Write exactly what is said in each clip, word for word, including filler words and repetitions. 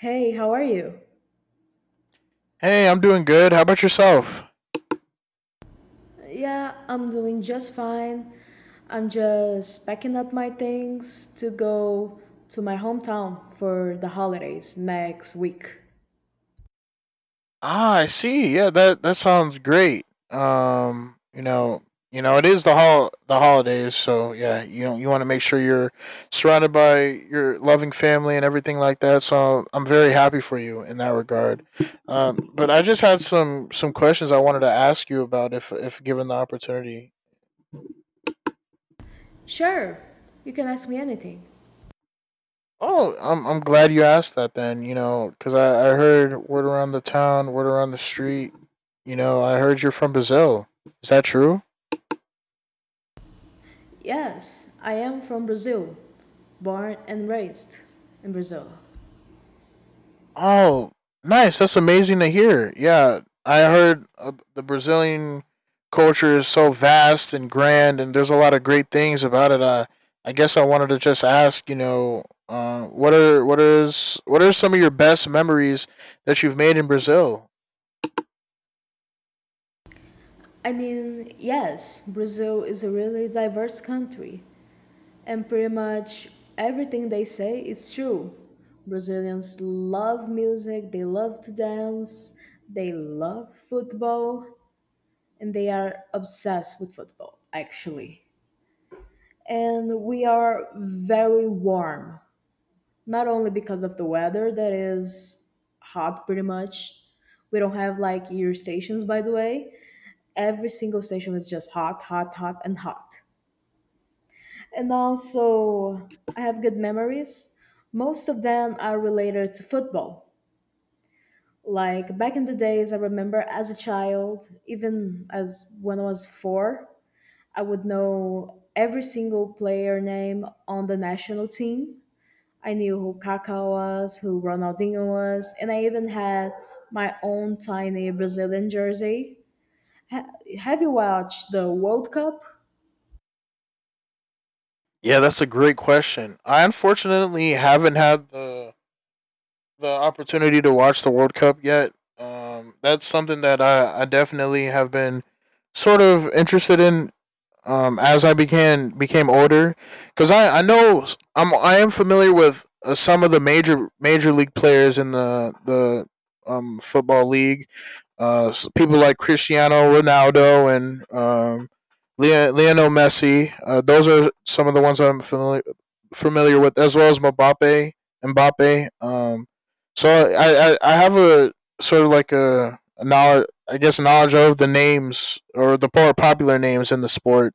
Hey, how are you? Hey, I'm doing good. How about yourself? Yeah, I'm doing just fine. I'm just packing up my things to go to my hometown for the holidays next week. Ah, I see. Yeah, that that sounds great. Um, you know, you know, it is the hol- the holidays, so yeah, you know, you want to make sure you're surrounded by your loving family and everything like that. So I'm very happy for you in that regard. Um, but I just had some some questions I wanted to ask you about if if given the opportunity. Sure, you can ask me anything. Oh, I'm I'm glad you asked that then, you know, cuz I I heard word around the town, word around the street, you know, I heard you're from Brazil. Is that true? Yes, I am from Brazil, born and raised in Brazil. Oh, nice. That's amazing to hear. Yeah, I heard uh, the Brazilian culture is so vast and grand and there's a lot of great things about it. Uh, I guess I wanted to just ask, you know, uh, what are what is what are some of your best memories that you've made in Brazil? I mean, yes, Brazil is a really diverse country. And pretty much everything they say is true. Brazilians love music, they love to dance, they love football, and they are obsessed with football, actually. And we are very warm, not only because of the weather that is hot pretty much. We don't have like year stations, by the way. Every single station is just hot, hot, hot, and hot. And also, I have good memories. Most of them are related to football. Like back in the days, I remember as a child, even as when I was four, I would know every single player name on the national team. I knew who Kaká was, who Ronaldinho was, and I even had my own tiny Brazilian jersey. Ha- have you watched the World Cup? Yeah, that's a great question. I unfortunately haven't had the the opportunity to watch the World Cup yet. Um, that's something that I, I definitely have been sort of interested in um, as I began became older, because I, I know s- I'm I am familiar with uh, some of the major major league players in the the um, football league, uh, s- people like Cristiano Ronaldo and um, Leo- Lionel Messi. Uh, those are some of the ones I'm familiar familiar with, as well as Mbappe. Mbappe. Um, so I, I I have a sort of like a, a knowledge, I guess, knowledge of the names or the more popular names in the sport,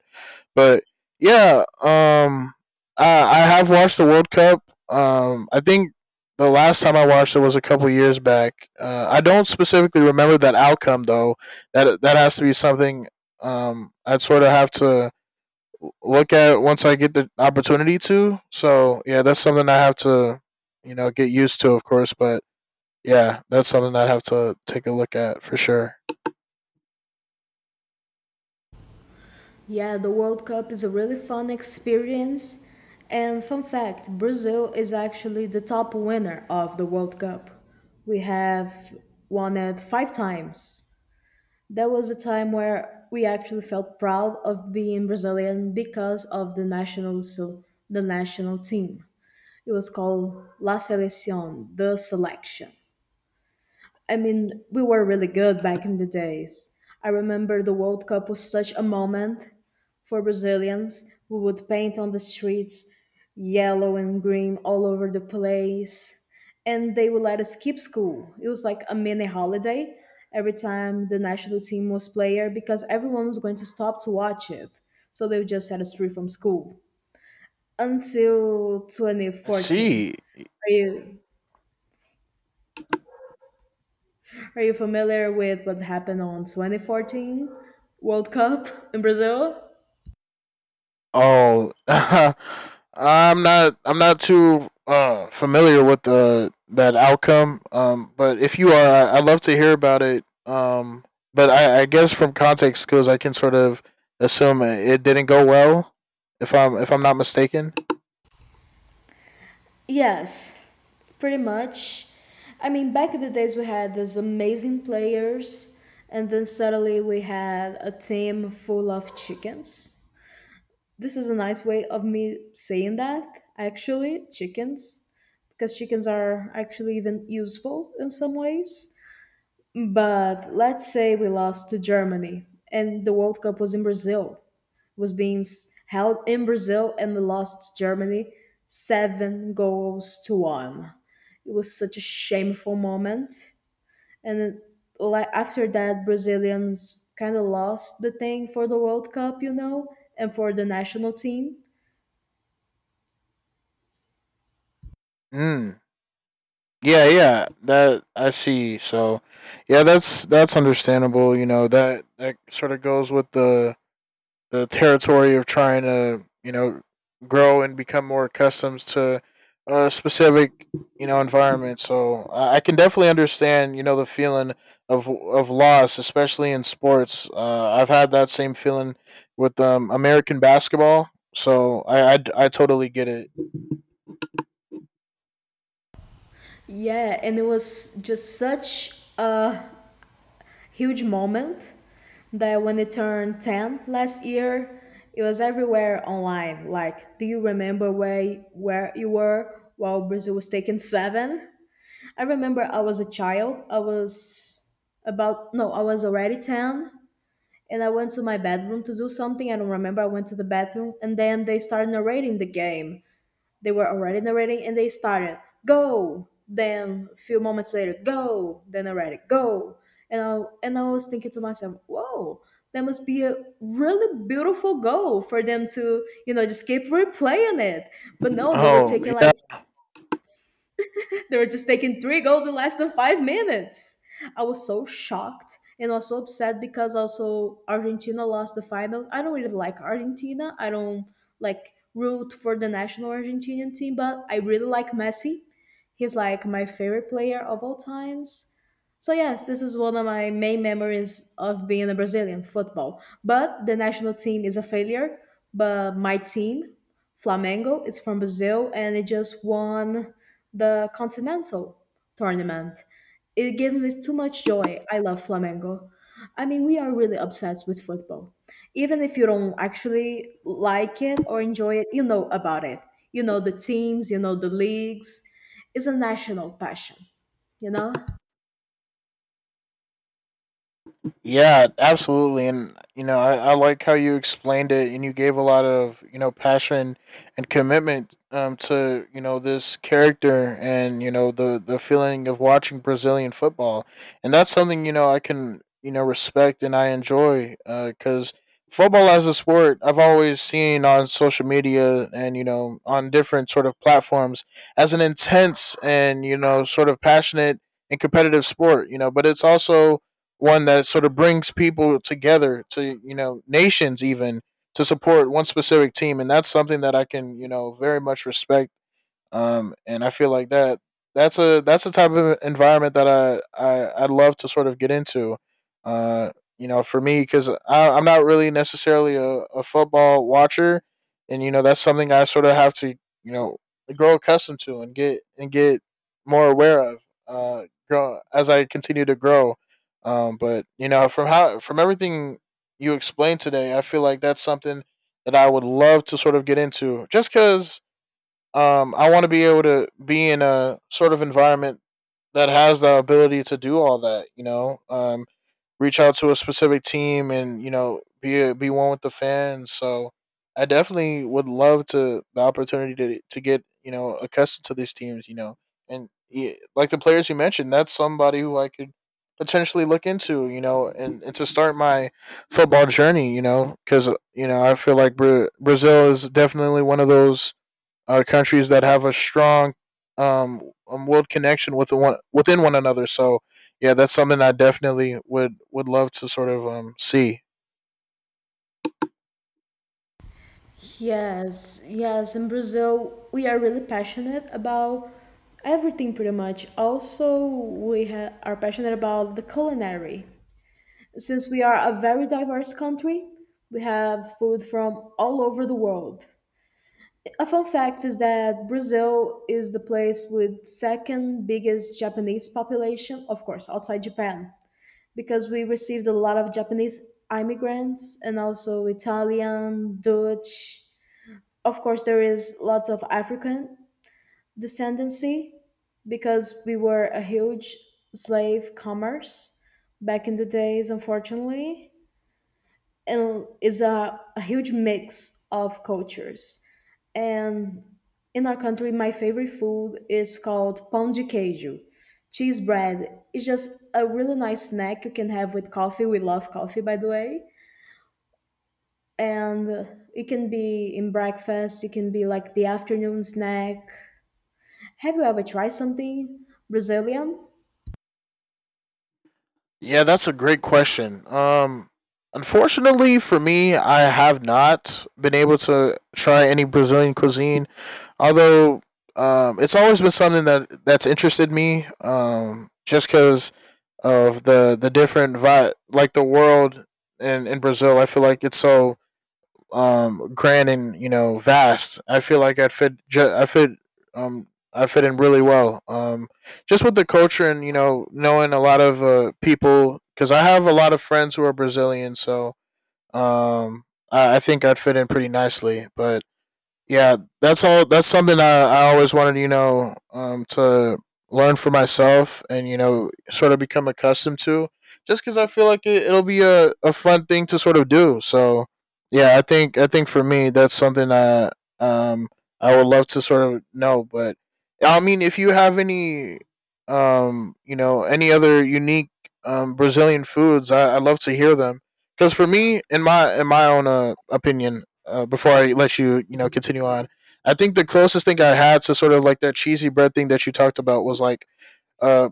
but yeah, um, I I have watched the World Cup. Um, I think the last time I watched it was a couple years back. Uh, I don't specifically remember that outcome though. That that has to be something um I'd sort of have to look at once I get the opportunity to. So yeah, that's something I have to, you know, get used to, of course. But yeah, that's something I'd have to take a look at for sure. Yeah, the World Cup is a really fun experience. And fun fact, Brazil is actually the top winner of the World Cup. We have won it five times. That was a time where we actually felt proud of being Brazilian because of the national so the national team. It was called La Selección, the selection. I mean, we were really good back in the days. I remember the World Cup was such a moment for Brazilians. We would paint on the streets yellow and green all over the place, and they would let us skip school. It was like a mini holiday every time the national team was player because everyone was going to stop to watch it. So they would just set us free from school until I twenty fourteen. see. Are you? Are you familiar with what happened on twenty fourteen World Cup in Brazil? Oh, I'm not. I'm not too uh, familiar with the that outcome. Um, but if you are, I- I'd love to hear about it. Um, but I, I guess from context skills, I can sort of assume it it didn't go well. If I'm if I'm not mistaken. Yes, pretty much. I mean, back in the days, we had these amazing players, and then suddenly we had a team full of chickens. This is a nice way of me saying that, actually, chickens, because chickens are actually even useful in some ways. But let's say we lost to Germany and the World Cup was in Brazil. Was being s- held in Brazil and we lost to Germany seven goals to one. It was such a shameful moment. And then, like after that, Brazilians kind of lost the thing for the World Cup, you know, and for the national team. Mm. Yeah, yeah. That, I see. So, yeah, that's that's understandable. You know, that that sort of goes with the the territory of trying to, you know, grow and become more accustomed to a specific, you know, environment. So I can definitely understand, you know, the feeling of of loss, especially in sports. Uh, I've had that same feeling with um, American basketball. So I, I I totally get it. Yeah, and it was just such a huge moment that when it turned ten last year, it was everywhere online. Like, do you remember where, where you were while Brazil was taking seven? I remember I was a child. I was about, no, I was already ten. And I went to my bedroom to do something. I don't remember. I went to the bathroom. And then they started narrating the game. They were already narrating and they started, go! Then a few moments later, go! Then narrated, go! And I, and I was thinking to myself, whoa, that must be a really beautiful goal for them to, you know, just keep replaying it. But no, they were Oh taking yeah. like they were just taking three goals in less than five minutes. I was so shocked and also upset because also Argentina lost the finals. I don't really like Argentina. I don't like root for the national Argentinian team, but I really like Messi. He's like my favorite player of all times. So yes, this is one of my main memories of being a Brazilian football. But the national team is a failure, but my team Flamengo is from Brazil and it just won the Continental tournament. It gives me too much joy. I love Flamengo. I mean, we are really obsessed with football. Even if you don't actually like it or enjoy it, you know about it. You know the teams, you know the leagues. It's a national passion, you know? Yeah, absolutely. And, you know, I, I like how you explained it and you gave a lot of, you know, passion and commitment, um, to, you know, this character and, you know, the, the feeling of watching Brazilian football. And that's something, you know, I can, you know, respect and I enjoy because football as a sport, I've always seen on social media and, you know, on different sort of platforms as an intense and, you know, sort of passionate and competitive sport, you know, but it's also one that sort of brings people together to, you know, nations even, to support one specific team, and that's something that I can, you know, very much respect, um, and I feel like that that's a that's the type of environment that I I I'd love to sort of get into. Uh, you know, for me, because I'm not really necessarily a, a football watcher, and you know that's something I sort of have to, you know, grow accustomed to and get and get more aware of. Uh, grow as I continue to grow. Um, but you know, from how from everything you explained today, I feel like that's something that I would love to sort of get into, just because um, I want to be able to be in a sort of environment that has the ability to do all that. You know, um, reach out to a specific team and you know be a, be one with the fans. So I definitely would love to the opportunity to to get, you know, accustomed to these teams. You know, and yeah, like the players you mentioned, that's somebody who I could potentially look into. You know, and, and to start my football journey. You know, because you know I feel like Bra- Brazil is definitely one of those are countries that have a strong um, um world connection with one within one another. So yeah, that's something I definitely would would love to sort of um see. Yes, yes. In Brazil, we are really passionate about everything pretty much. Also, we ha are passionate about the culinary. Since we are a very diverse country, we have food from all over the world. A fun fact is that Brazil is the place with second biggest Japanese population, of course, outside Japan, because we received a lot of Japanese immigrants and also Italian, Dutch, of course there is lots of African descendancy because we were a huge slave commerce back in the days, unfortunately, and is a, a huge mix of cultures and in our country my favorite food is called pão de queijo, cheese bread. It's just a really nice snack you can have with coffee. We love coffee, by the way, and it can be in breakfast, it can be like the afternoon snack. Have you ever tried something Brazilian? Yeah, that's a great question. Um, unfortunately for me, I have not been able to try any Brazilian cuisine, although um, it's always been something that that's interested me. Um, just because of the the different vibe, like the world in in Brazil, I feel like it's so um grand and you know vast. I feel like i fit ju- i fit um I fit in really well, um just with the culture and you know knowing a lot of uh, people, because I have a lot of friends who are Brazilian, so um I, I think I'd fit in pretty nicely, but yeah, that's all. That's something I, I always wanted, you know, um, to learn for myself and you know, sort of become accustomed to. Just because I feel like it, it'll be a, a fun thing to sort of do. So, yeah, I think I think for me that's something I um I would love to sort of know. But I mean, if you have any um you know any other unique um Brazilian foods, I, I'd love to hear them. Because for me, in my in my own uh, opinion, uh, before I let you, you know, continue on, I think the closest thing I had to sort of like that cheesy bread thing that you talked about was like uh,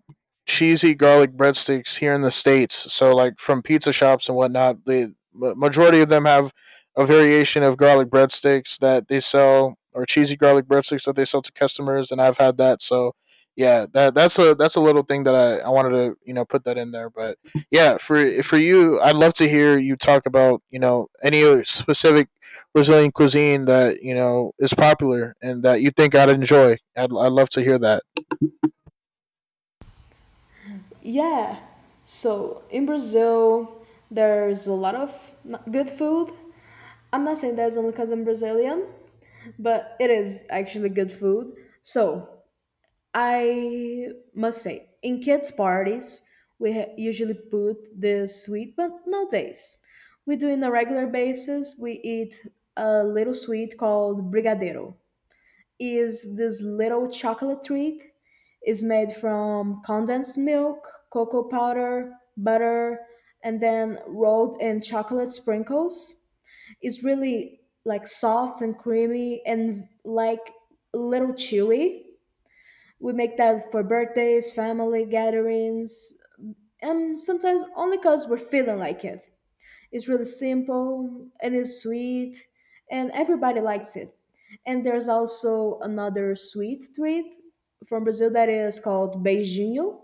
cheesy garlic breadsticks here in the states. So like from pizza shops and whatnot, the majority of them have a variation of garlic breadsticks that they sell, or cheesy garlic breadsticks that they sell to customers, and I've had that. So yeah, that that's a that's a little thing that I, I wanted to you know put that in there. But yeah, for for you, I'd love to hear you talk about you know any specific Brazilian cuisine that you know is popular and that you think I'd enjoy. I'd I'd love to hear that. Yeah. So in Brazil, there's a lot of n- good food. I'm not saying that's only because I'm Brazilian, but it is actually good food. So I must say, in kids' parties, we ha- usually put this sweet, but nowadays we do in a regular basis. We eat a little sweet called brigadeiro. Is this little chocolate trick. It's made from condensed milk, cocoa powder, butter, and then rolled in chocolate sprinkles. It's really like soft and creamy and like a little chewy. We make that for birthdays, family gatherings, and sometimes only because we're feeling like it. It's really simple and it's sweet, and everybody likes it. And there's also another sweet treat from Brazil that is called beijinho.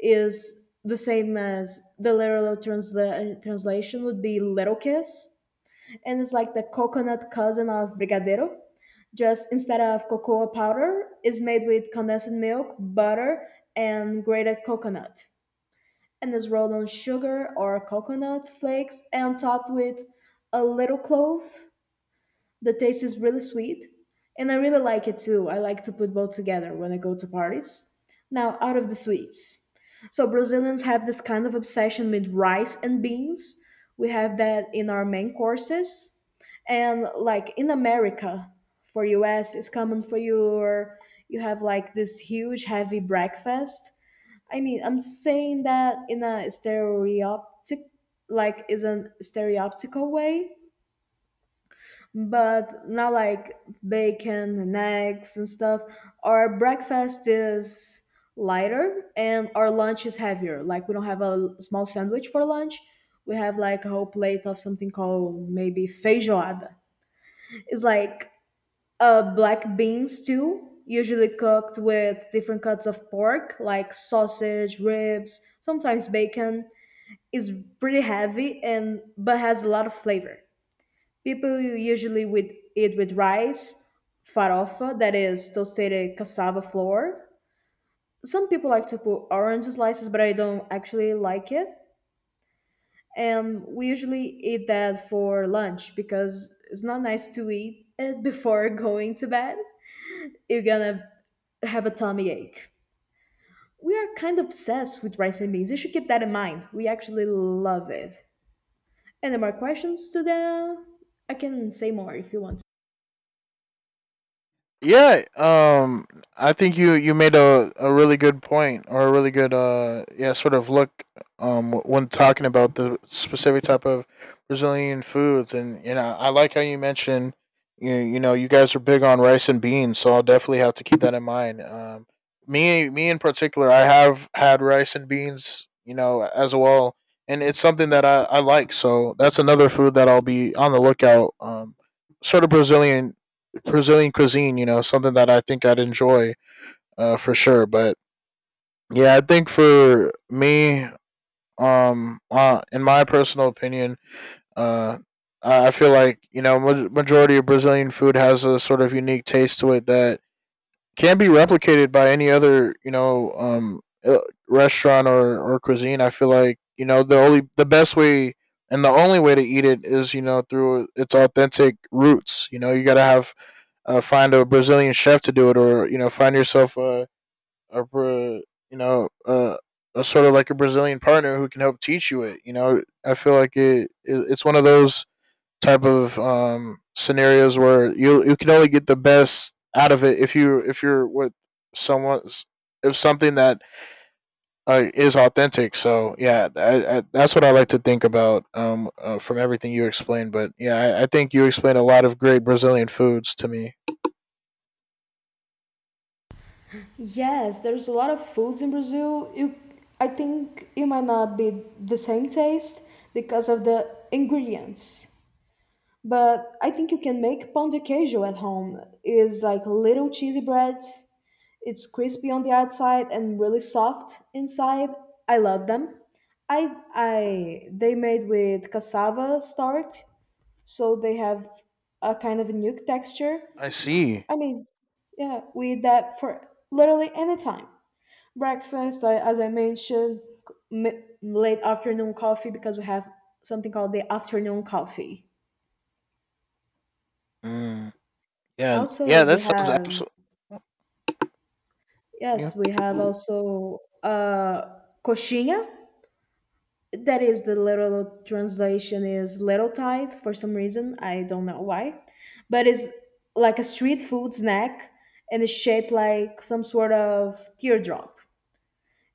Is the same as the literal transla- translation would be little kiss, and it's like the coconut cousin of brigadeiro. Just instead of cocoa powder, is made with condensed milk, butter, and grated coconut and is rolled on sugar or coconut flakes and topped with a little clove. The taste is really sweet, and I really like it too. I like to put both together when I go to parties. Now, out of the sweets. So, Brazilians have this kind of obsession with rice and beans. We have that in our main courses. And like in America, for US, it's common for your you have like this huge heavy breakfast. I mean, I'm saying that in a stereoptic, like, is a stereoptical way, but not like bacon and eggs and stuff. Our breakfast is lighter and our lunch is heavier. Like, we don't have a small sandwich for lunch. We have like a whole plate of something called maybe feijoada. It's like a black bean stew, usually cooked with different cuts of pork, like sausage, ribs, sometimes bacon, is pretty heavy and but has a lot of flavor. People usually with eat with rice, farofa, that is toasted cassava flour. Some people like to put orange slices, but I don't actually like it. And we usually eat that for lunch because it's not nice to eat it before going to bed. You're gonna have a tummy ache. We are kind of obsessed with rice and beans. You should keep that in mind. We actually love it. Any more questions to them? I can say more if you want. Yeah, um, I think you you made a, a really good point or a really good uh yeah sort of look um when talking about the specific type of Brazilian foods and you know I like how you mentioned you you know you guys are big on rice and beans, so I'll definitely have to keep that in mind. Um, me me in particular, I have had rice and beans you know as well, and it's something that I I like, so that's another food that I'll be on the lookout, um sort of Brazilian Brazilian cuisine, you know, something that I think I'd enjoy uh, for sure. But yeah, I think for me, um, uh, in my personal opinion, uh, I I feel like you know ma- majority of Brazilian food has a sort of unique taste to it that can be replicated by any other you know um, uh, restaurant or, or cuisine. I feel like you know the only the best way and the only way to eat it is you know through its authentic roots. You know you got to have uh, find a Brazilian chef to do it, or you know, find yourself a a you know a, a sort of like a Brazilian partner who can help teach you it. You know, I feel like it, it it's one of those type of um, scenarios where you you can only get the best out of it if you if you're with someone if something that uh, is authentic. So yeah, I, I, that's what I like to think about, um, uh, from everything you explained. But yeah, I, I think you explained a lot of great Brazilian foods to me. Yes, there's a lot of foods in Brazil. You, I think it might not be the same taste because of the ingredients. But I think you can make pão de queijo at home. It's like little cheesy bread. It's crispy on the outside and really soft inside. I love them. I I they made with cassava starch, so they have a kind of a nuke texture. I see. I mean, yeah, we eat that for literally any time. Breakfast, I, as I mentioned, c- mi- late afternoon coffee because we have something called the afternoon coffee. Mm, yeah, Also, yeah, we that sounds have absolutely. New. yes, we have also uh, coxinha. That is the literal translation is little tithe for some reason. I don't know why, but it's like a street food snack and it's shaped like some sort of teardrop.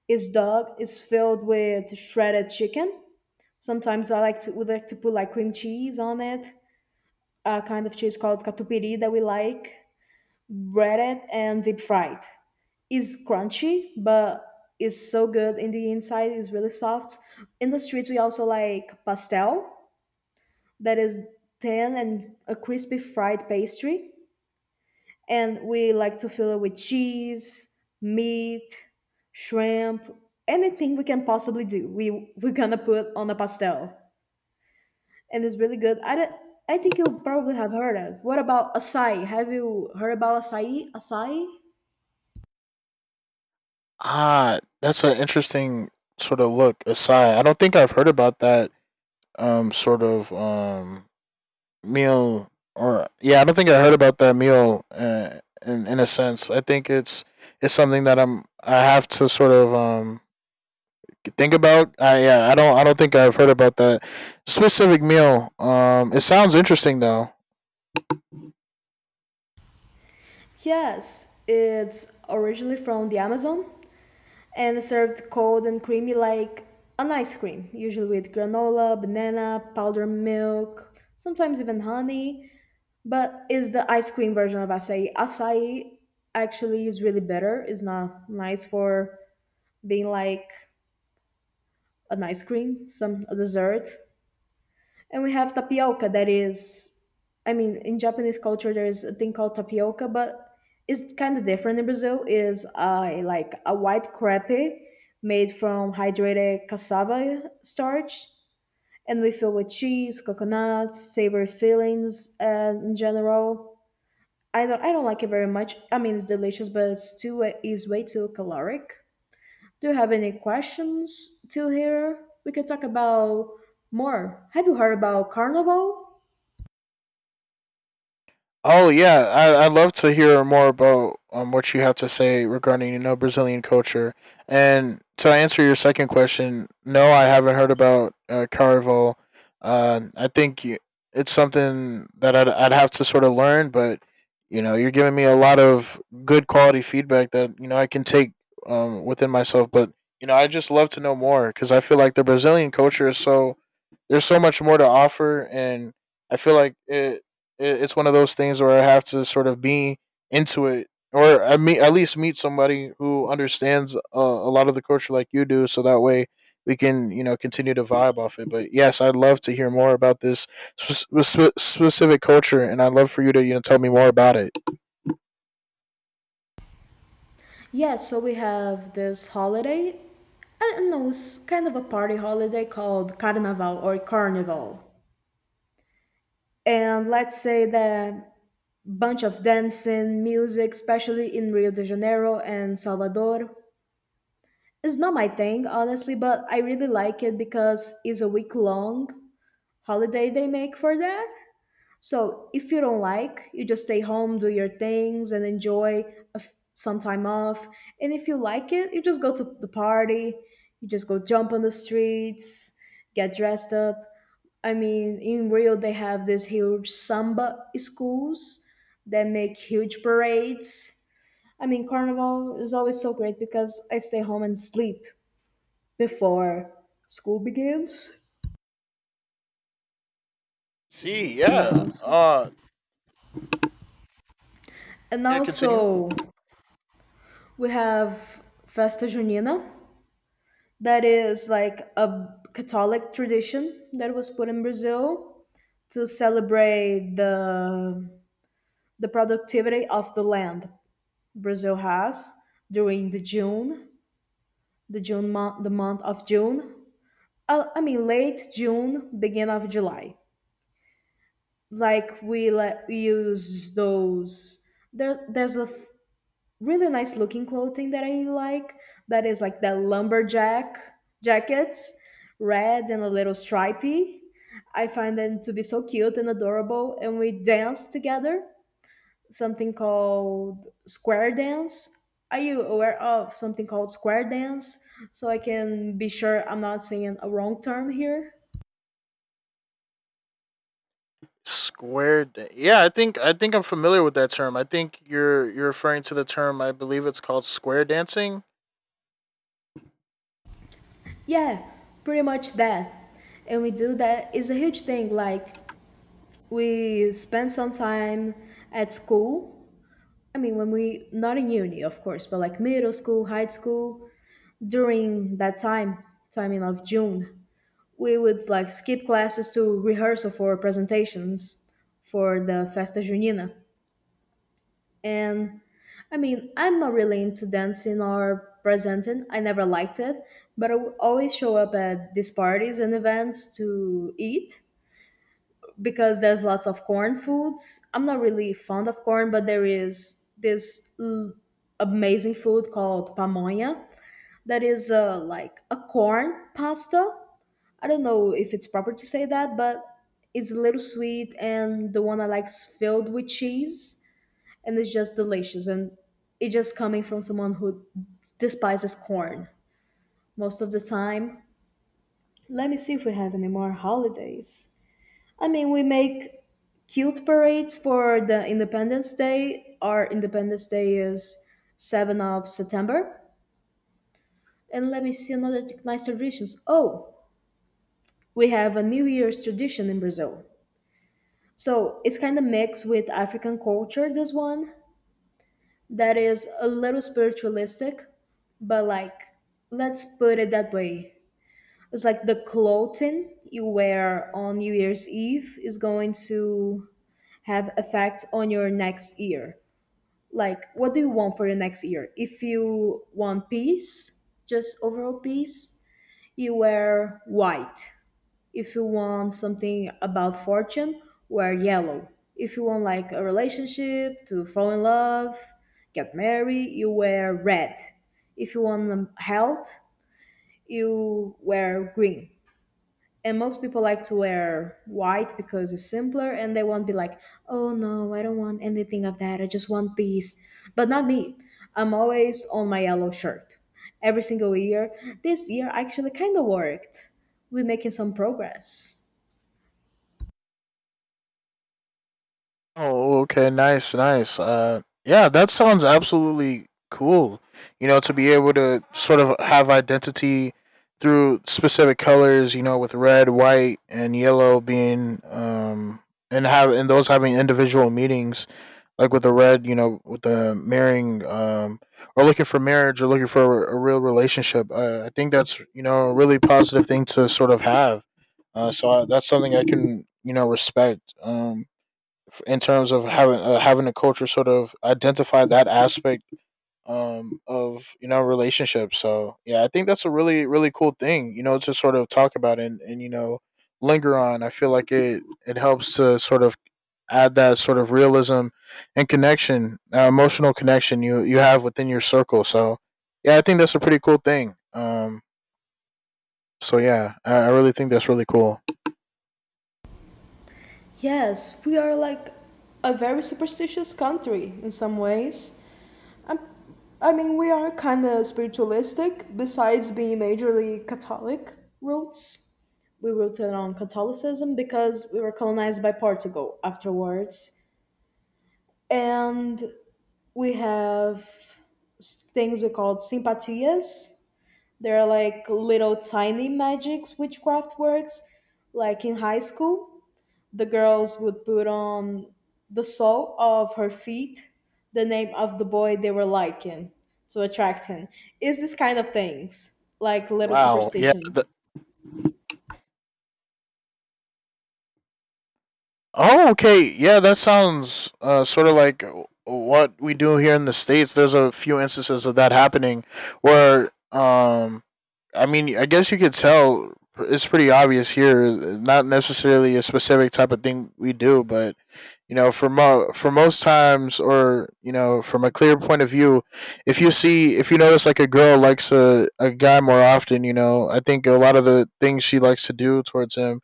His dog is filled with shredded chicken. Sometimes I like to we like to put like cream cheese on it, a kind of cheese called catupiry that we like, breaded and deep fried. It's crunchy, but it's so good in the inside. It's really soft. In the streets, we also like pastel, that is thin and a crispy fried pastry, and we like to fill it with cheese, meat, shrimp, anything we can possibly do. We we're gonna put on a pastel, and it's really good. I don't- I think you probably have heard of. What about acai? Have you heard about acai? Acai? Ah, that's an interesting sort of look aside. I don't think I've heard about that um sort of um meal. Or yeah, I don't think I heard about that meal uh, in in a sense. I think it's it's something that I'm I have to sort of um think about. I yeah, I don't I don't think I've heard about that specific meal. Um, it sounds interesting though. Yes, it's originally from the Amazon and it's served cold and creamy like an ice cream, usually with granola, banana, powdered milk, sometimes even honey. But is the ice cream version of acai. Acai actually is really bitter. It's not nice for being like an ice cream, some a dessert. And we have tapioca that is I mean, in Japanese culture there is a thing called tapioca, but it's kind of different in Brazil. Is a like a white crepe made from hydrated cassava starch, and we fill with cheese, coconut, savory fillings, and in general I don't I don't like it very much. I mean, it's delicious, but it's too is way too caloric. Do you have any questions till here? We can talk about more. Have you heard about Carnival? Oh yeah, I I'd love to hear more about um, what you have to say regarding you know Brazilian culture. And to answer your second question, no, I haven't heard about uh, Carnival. Uh, I think you, it's something that I'd I'd have to sort of learn, but you know you're giving me a lot of good quality feedback that you know I can take um, within myself. But you know I just love to know more because I feel like the Brazilian culture is so there's so much more to offer, and I feel like it, it it's one of those things where I have to sort of be into it, or I mean at least meet somebody who understands uh, a lot of the culture like you do, so that way we can you know continue to vibe off it. But yes, I'd love to hear more about this spe- spe- specific culture, and I'd love for you to you know tell me more about it. Yeah, so we have this holiday. I don't know, it's kind of a party holiday called Carnaval or Carnival. And let's say that bunch of dancing, music, especially in Rio de Janeiro and Salvador. It's not my thing, honestly, but I really like it because it's a week long holiday they make for that. So if you don't like, you just stay home, do your things, and enjoy a f- some time off. And if you like it, you just go to the party, you just go jump on the streets, get dressed up. I mean, in Rio, they have these huge samba schools that make huge parades. I mean, Carnival is always so great because I stay home and sleep before school begins. See, And yeah. also, Uh and yeah, continue. also we have Festa Junina, that is like a Catholic tradition that was put in Brazil to celebrate the the productivity of the land Brazil has during the June, the June month, the month of June. Uh, I mean, late June, beginning of July. Like we like we use those. There, there's a really nice looking clothing that I like. That is like that lumberjack jackets, red and a little stripy. I find them to be so cute and adorable, and we dance together. Something called square dance. Are you aware of something called square dance? So I can be sure I'm not saying a wrong term here. Square da- Yeah, I think I think I'm familiar with that term. I think you're you're referring to the term, I believe it's called square dancing. Yeah, pretty much that. And we do that is a huge thing. Like we spend some time at school. I mean, when we, not in uni, of course, but like middle school, high school, during that time, timing of June, we would like skip classes to rehearsal for presentations for the Festa Junina. And I mean, I'm not really into dancing or presenting. I never liked it, but I would always show up at these parties and events to eat because there's lots of corn foods. I'm not really fond of corn, but there is this l- amazing food called pamonha that is uh, like a corn pasta. I don't know if it's proper to say that, but it's a little sweet, and the one I like is filled with cheese, and it's just delicious. And it just coming from someone who despises corn most of the time. Let me see if we have any more holidays. I mean, we make cute parades for the Independence Day. Our Independence Day is seventh of September. And let me see another t- nice traditions. Oh, we have a New Year's tradition in Brazil. So it's kind of mixed with African culture, this one, that is a little spiritualistic, but like, let's put it that way. It's like the clothing you wear on New Year's Eve is going to have effect on your next year. Like what do you want for the next year? If you want peace, just overall peace, you wear white. If you want something about fortune, wear yellow. If you want like a relationship, to fall in love, get married, you wear red. If you want um, health, you wear green. And most people like to wear white because it's simpler and they won't be like, oh no, I don't want anything of that, I just want these. But not me. I'm always on my yellow shirt, every single year. This year actually kind of worked. We're making some progress. Oh, okay, nice, nice. Uh, yeah, that sounds absolutely cool. You know, to be able to sort of have identity through specific colors. You know, with red, white, and yellow being um, and have and those having individual meanings. Like with the red, you know, with the marrying, um, or looking for marriage, or looking for a real relationship. Uh, I think that's you know a really positive thing to sort of have. Uh, so I, that's something I can you know respect. Um in terms of having uh, having a culture sort of identify that aspect um, of you know relationships. So yeah, I think that's a really really cool thing you know to sort of talk about and and you know linger on. I feel like it it helps to sort of add that sort of realism and connection, uh, emotional connection you you have within your circle. So yeah, I think that's a pretty cool thing. Um, so yeah, I, I really think that's really cool. Yes, we are like a very superstitious country in some ways. I'm, I mean, we are kind of spiritualistic. Besides being majorly Catholic roots, we rooted on Catholicism because we were colonized by Portugal afterwards. And we have s- things we call simpatias. They're like little tiny magics, witchcraft works, like in high school the girls would put on the sole of her feet the name of the boy they were liking to attract him. Is this kind of things like little Wow. Yeah. superstitions? th- Oh, okay. Yeah, that sounds uh, sort of like what we do here in the states. There's a few instances of that happening where, um, I mean, I guess you could tell it's pretty obvious here. Not necessarily a specific type of thing we do, but you know, for mo- for most times, or you know, from a clear point of view, if you see, if you notice, like a girl likes a, a guy more often, you know, I think a lot of the things she likes to do towards him,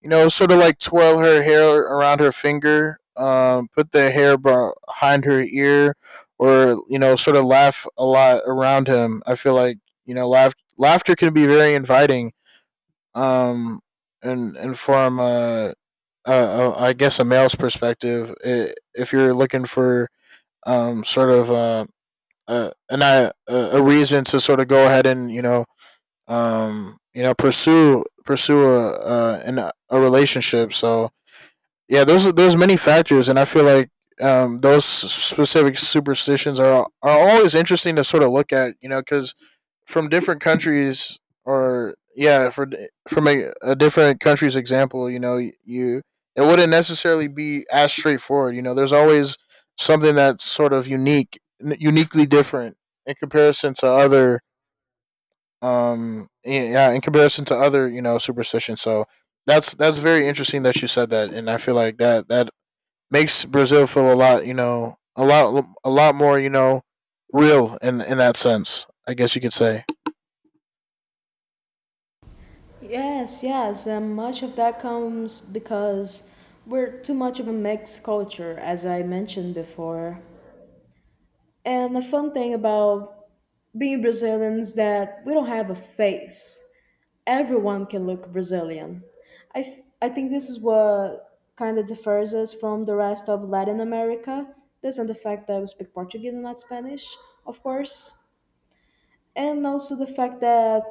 you know, sort of like twirl her hair around her finger, um, put the hair behind her ear, or you know, sort of laugh a lot around him. I feel like you know, laugh, laughter can be very inviting, um, and and from uh, uh, I guess a male's perspective, I if you're looking for um, sort of uh, uh, an, uh, a reason to sort of go ahead and you know, um, you know, pursue pursue a, uh, an, a relationship. So yeah, there's there's many factors, and I feel like um, those specific superstitions are are always interesting to sort of look at, you know, because from different countries or yeah, for from a, a different country's example, you know, you it wouldn't necessarily be as straightforward. You know, there's always something that's sort of unique, n- uniquely different in comparison to other um yeah in comparison to other you know superstitions. So that's that's very interesting that you said that, and I feel like that that makes Brazil feel a lot, you know, a lot, a lot more, you know, real in in that sense. I guess you could say. Yes, yes, and much of that comes because we're too much of a mixed culture, as I mentioned before. And the fun thing about being Brazilians that we don't have a face. Everyone can look Brazilian. I, f- I think this is what kind of differs us from the rest of Latin America. This and the fact that we speak Portuguese and not Spanish, of course. And also the fact that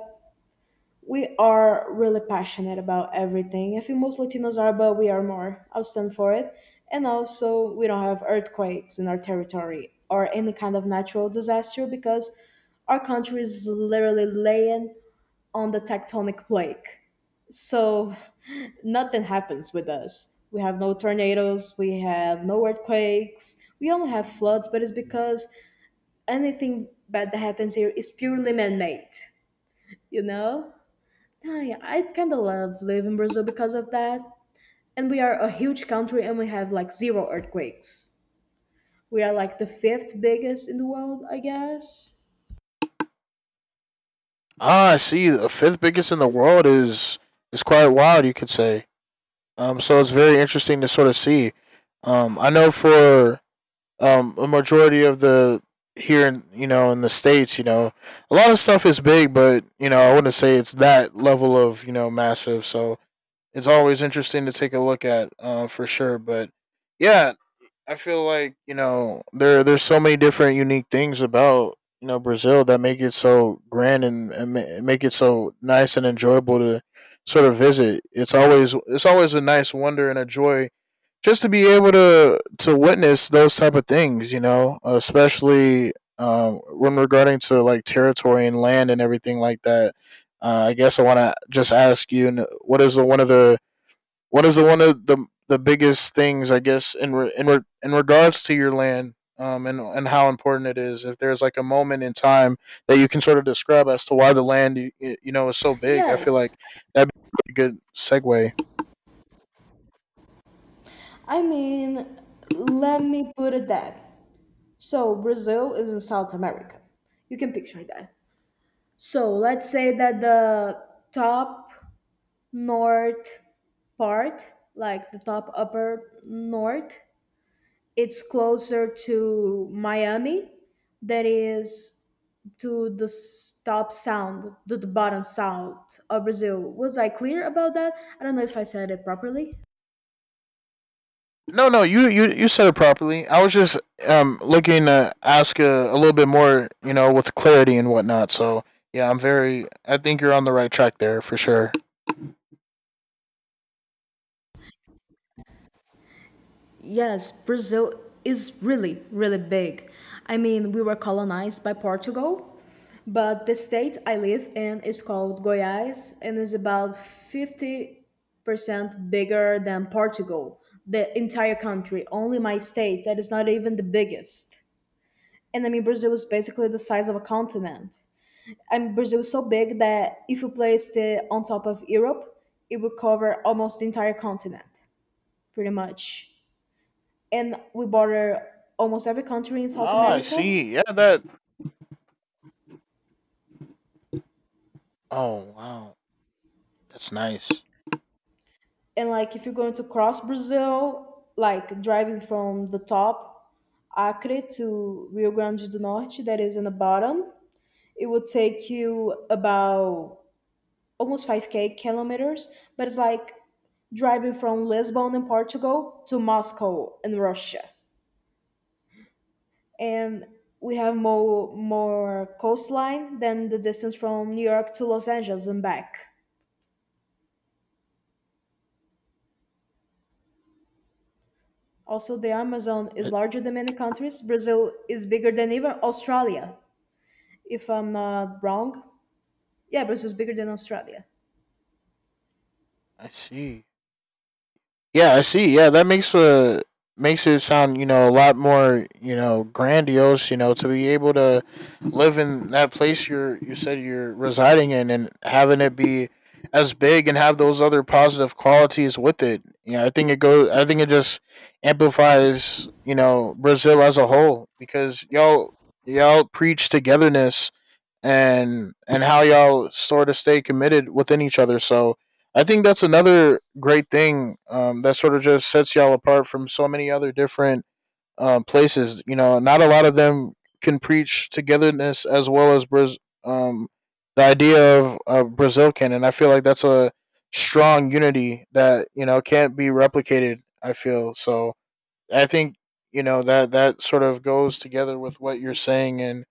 we are really passionate about everything. I think most Latinos are, but we are more. I'll stand for it. And also, we don't have earthquakes in our territory or any kind of natural disaster because our country is literally laying on the tectonic plate. So nothing happens with us. We have no tornadoes, we have no earthquakes, we only have floods, but it's because anything bad that happens here is purely man made, you know? Ah, yeah, I kind of love living in Brazil because of that. And we are a huge country and we have like zero earthquakes. We are like the fifth biggest in the world, I guess. Ah, I see. The fifth biggest in the world is is quite wild. You could say. Um, so it's very interesting to sort of see. Um, I know for um a majority of the here in you know in the states, you know, a lot of stuff is big, but you know I wouldn't say it's that level of you know massive. So it's always interesting to take a look at, uh, for sure. But yeah, I feel like you know there there's so many different unique things about you know Brazil that make it so grand, and, and ma- make it so nice and enjoyable to sort of visit. It's always, it's always a nice wonder and a joy just to be able to to witness those type of things. You know, especially um, when regarding to like territory and land and everything like that. Uh, I guess I want to just ask you, n- what is the, one of the what is the one of the the biggest things, I guess, in re, in re, in regards to your land, um, and and how important it is. If there's like a moment in time that you can sort of describe as to why the land you, you know is so big, I feel like Yes, that'd be a good segue. I mean, let me put it that. So, Brazil is in South America. You can picture that. So let's say that the top north part, like the top upper north, it's closer to Miami. That is to the s- top sound, to the bottom south of Brazil. Was I clear about that? I don't know if I said it properly. No, no, you you you said it properly. I was just um looking to ask a, a little bit more, you know, with clarity and whatnot. So yeah, I'm very. I think you're on the right track there for sure. Yes, Brazil is really, really big. I mean, we were colonized by Portugal, but the state I live in is called Goiás and is about fifty percent bigger than Portugal, the entire country, only my state that is not even the biggest. And I mean, Brazil is basically the size of a continent. I mean, Brazil is so big that if you placed it on top of Europe, it would cover almost the entire continent, pretty much, and we border almost every country in South Ah, I America. see. Yeah, that. Oh wow. That's nice. And like if you're going to cross Brazil, like driving from the top, Acre to Rio Grande do Norte, that is in the bottom, it would take you about almost five k kilometers, but it's like driving from Lisbon in Portugal to Moscow in Russia. And we have more more coastline than the distance from New York to Los Angeles and back. Also, the Amazon I, is larger than many countries. Brazil is bigger than even Australia, if I'm not wrong. Yeah, Brazil is bigger than Australia. I see. Yeah, I see. Yeah, that makes a makes it sound you know a lot more you know grandiose. You know, to be able to live in that place you're you said you're residing in and having it be as big and have those other positive qualities with it. Yeah, I think it goes. I think it just amplifies you know Brazil as a whole because y'all y'all preach togetherness and and how y'all sort of stay committed within each other. So I think that's another great thing um, that sort of just sets y'all apart from so many other different um, places. You know, not a lot of them can preach togetherness as well as Braz- um, the idea of uh, Brazil can, and I feel like that's a strong unity that you know can't be replicated. I feel so. I think you know that that sort of goes together with what you're saying, and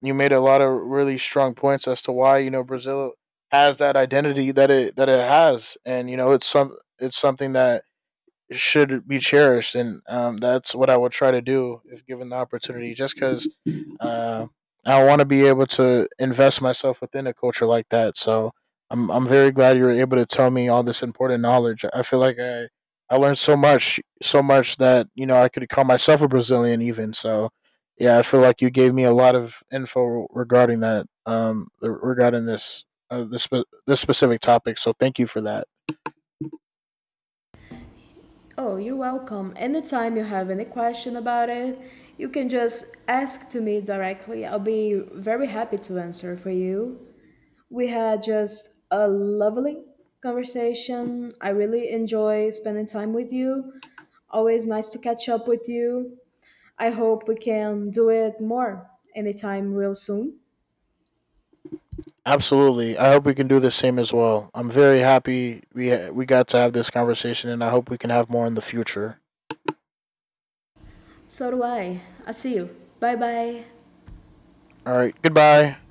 you made a lot of really strong points as to why you know Brazil has that identity that it that it has, and you know it's some it's something that should be cherished, and um, that's what I would try to do if given the opportunity. Just because uh, I want to be able to invest myself within a culture like that, so I'm I'm very glad you were able to tell me all this important knowledge. I feel like I I learned so much, so much that you know I could call myself a Brazilian even. So yeah, I feel like you gave me a lot of info regarding that, um, regarding this uh, this spe- this specific topic. So thank you for that. Oh, you're welcome. Anytime you have any question about it, you can just ask to me directly. I'll be very happy to answer for you. We had just a lovely conversation. I really enjoy spending time with you. Always nice to catch up with you. I hope we can do it more anytime real soon. Absolutely. I hope we can do the same as well. I'm very happy we we got to have this conversation, and I hope we can have more in the future. So do I. I'll see you. Bye bye. All right. Goodbye.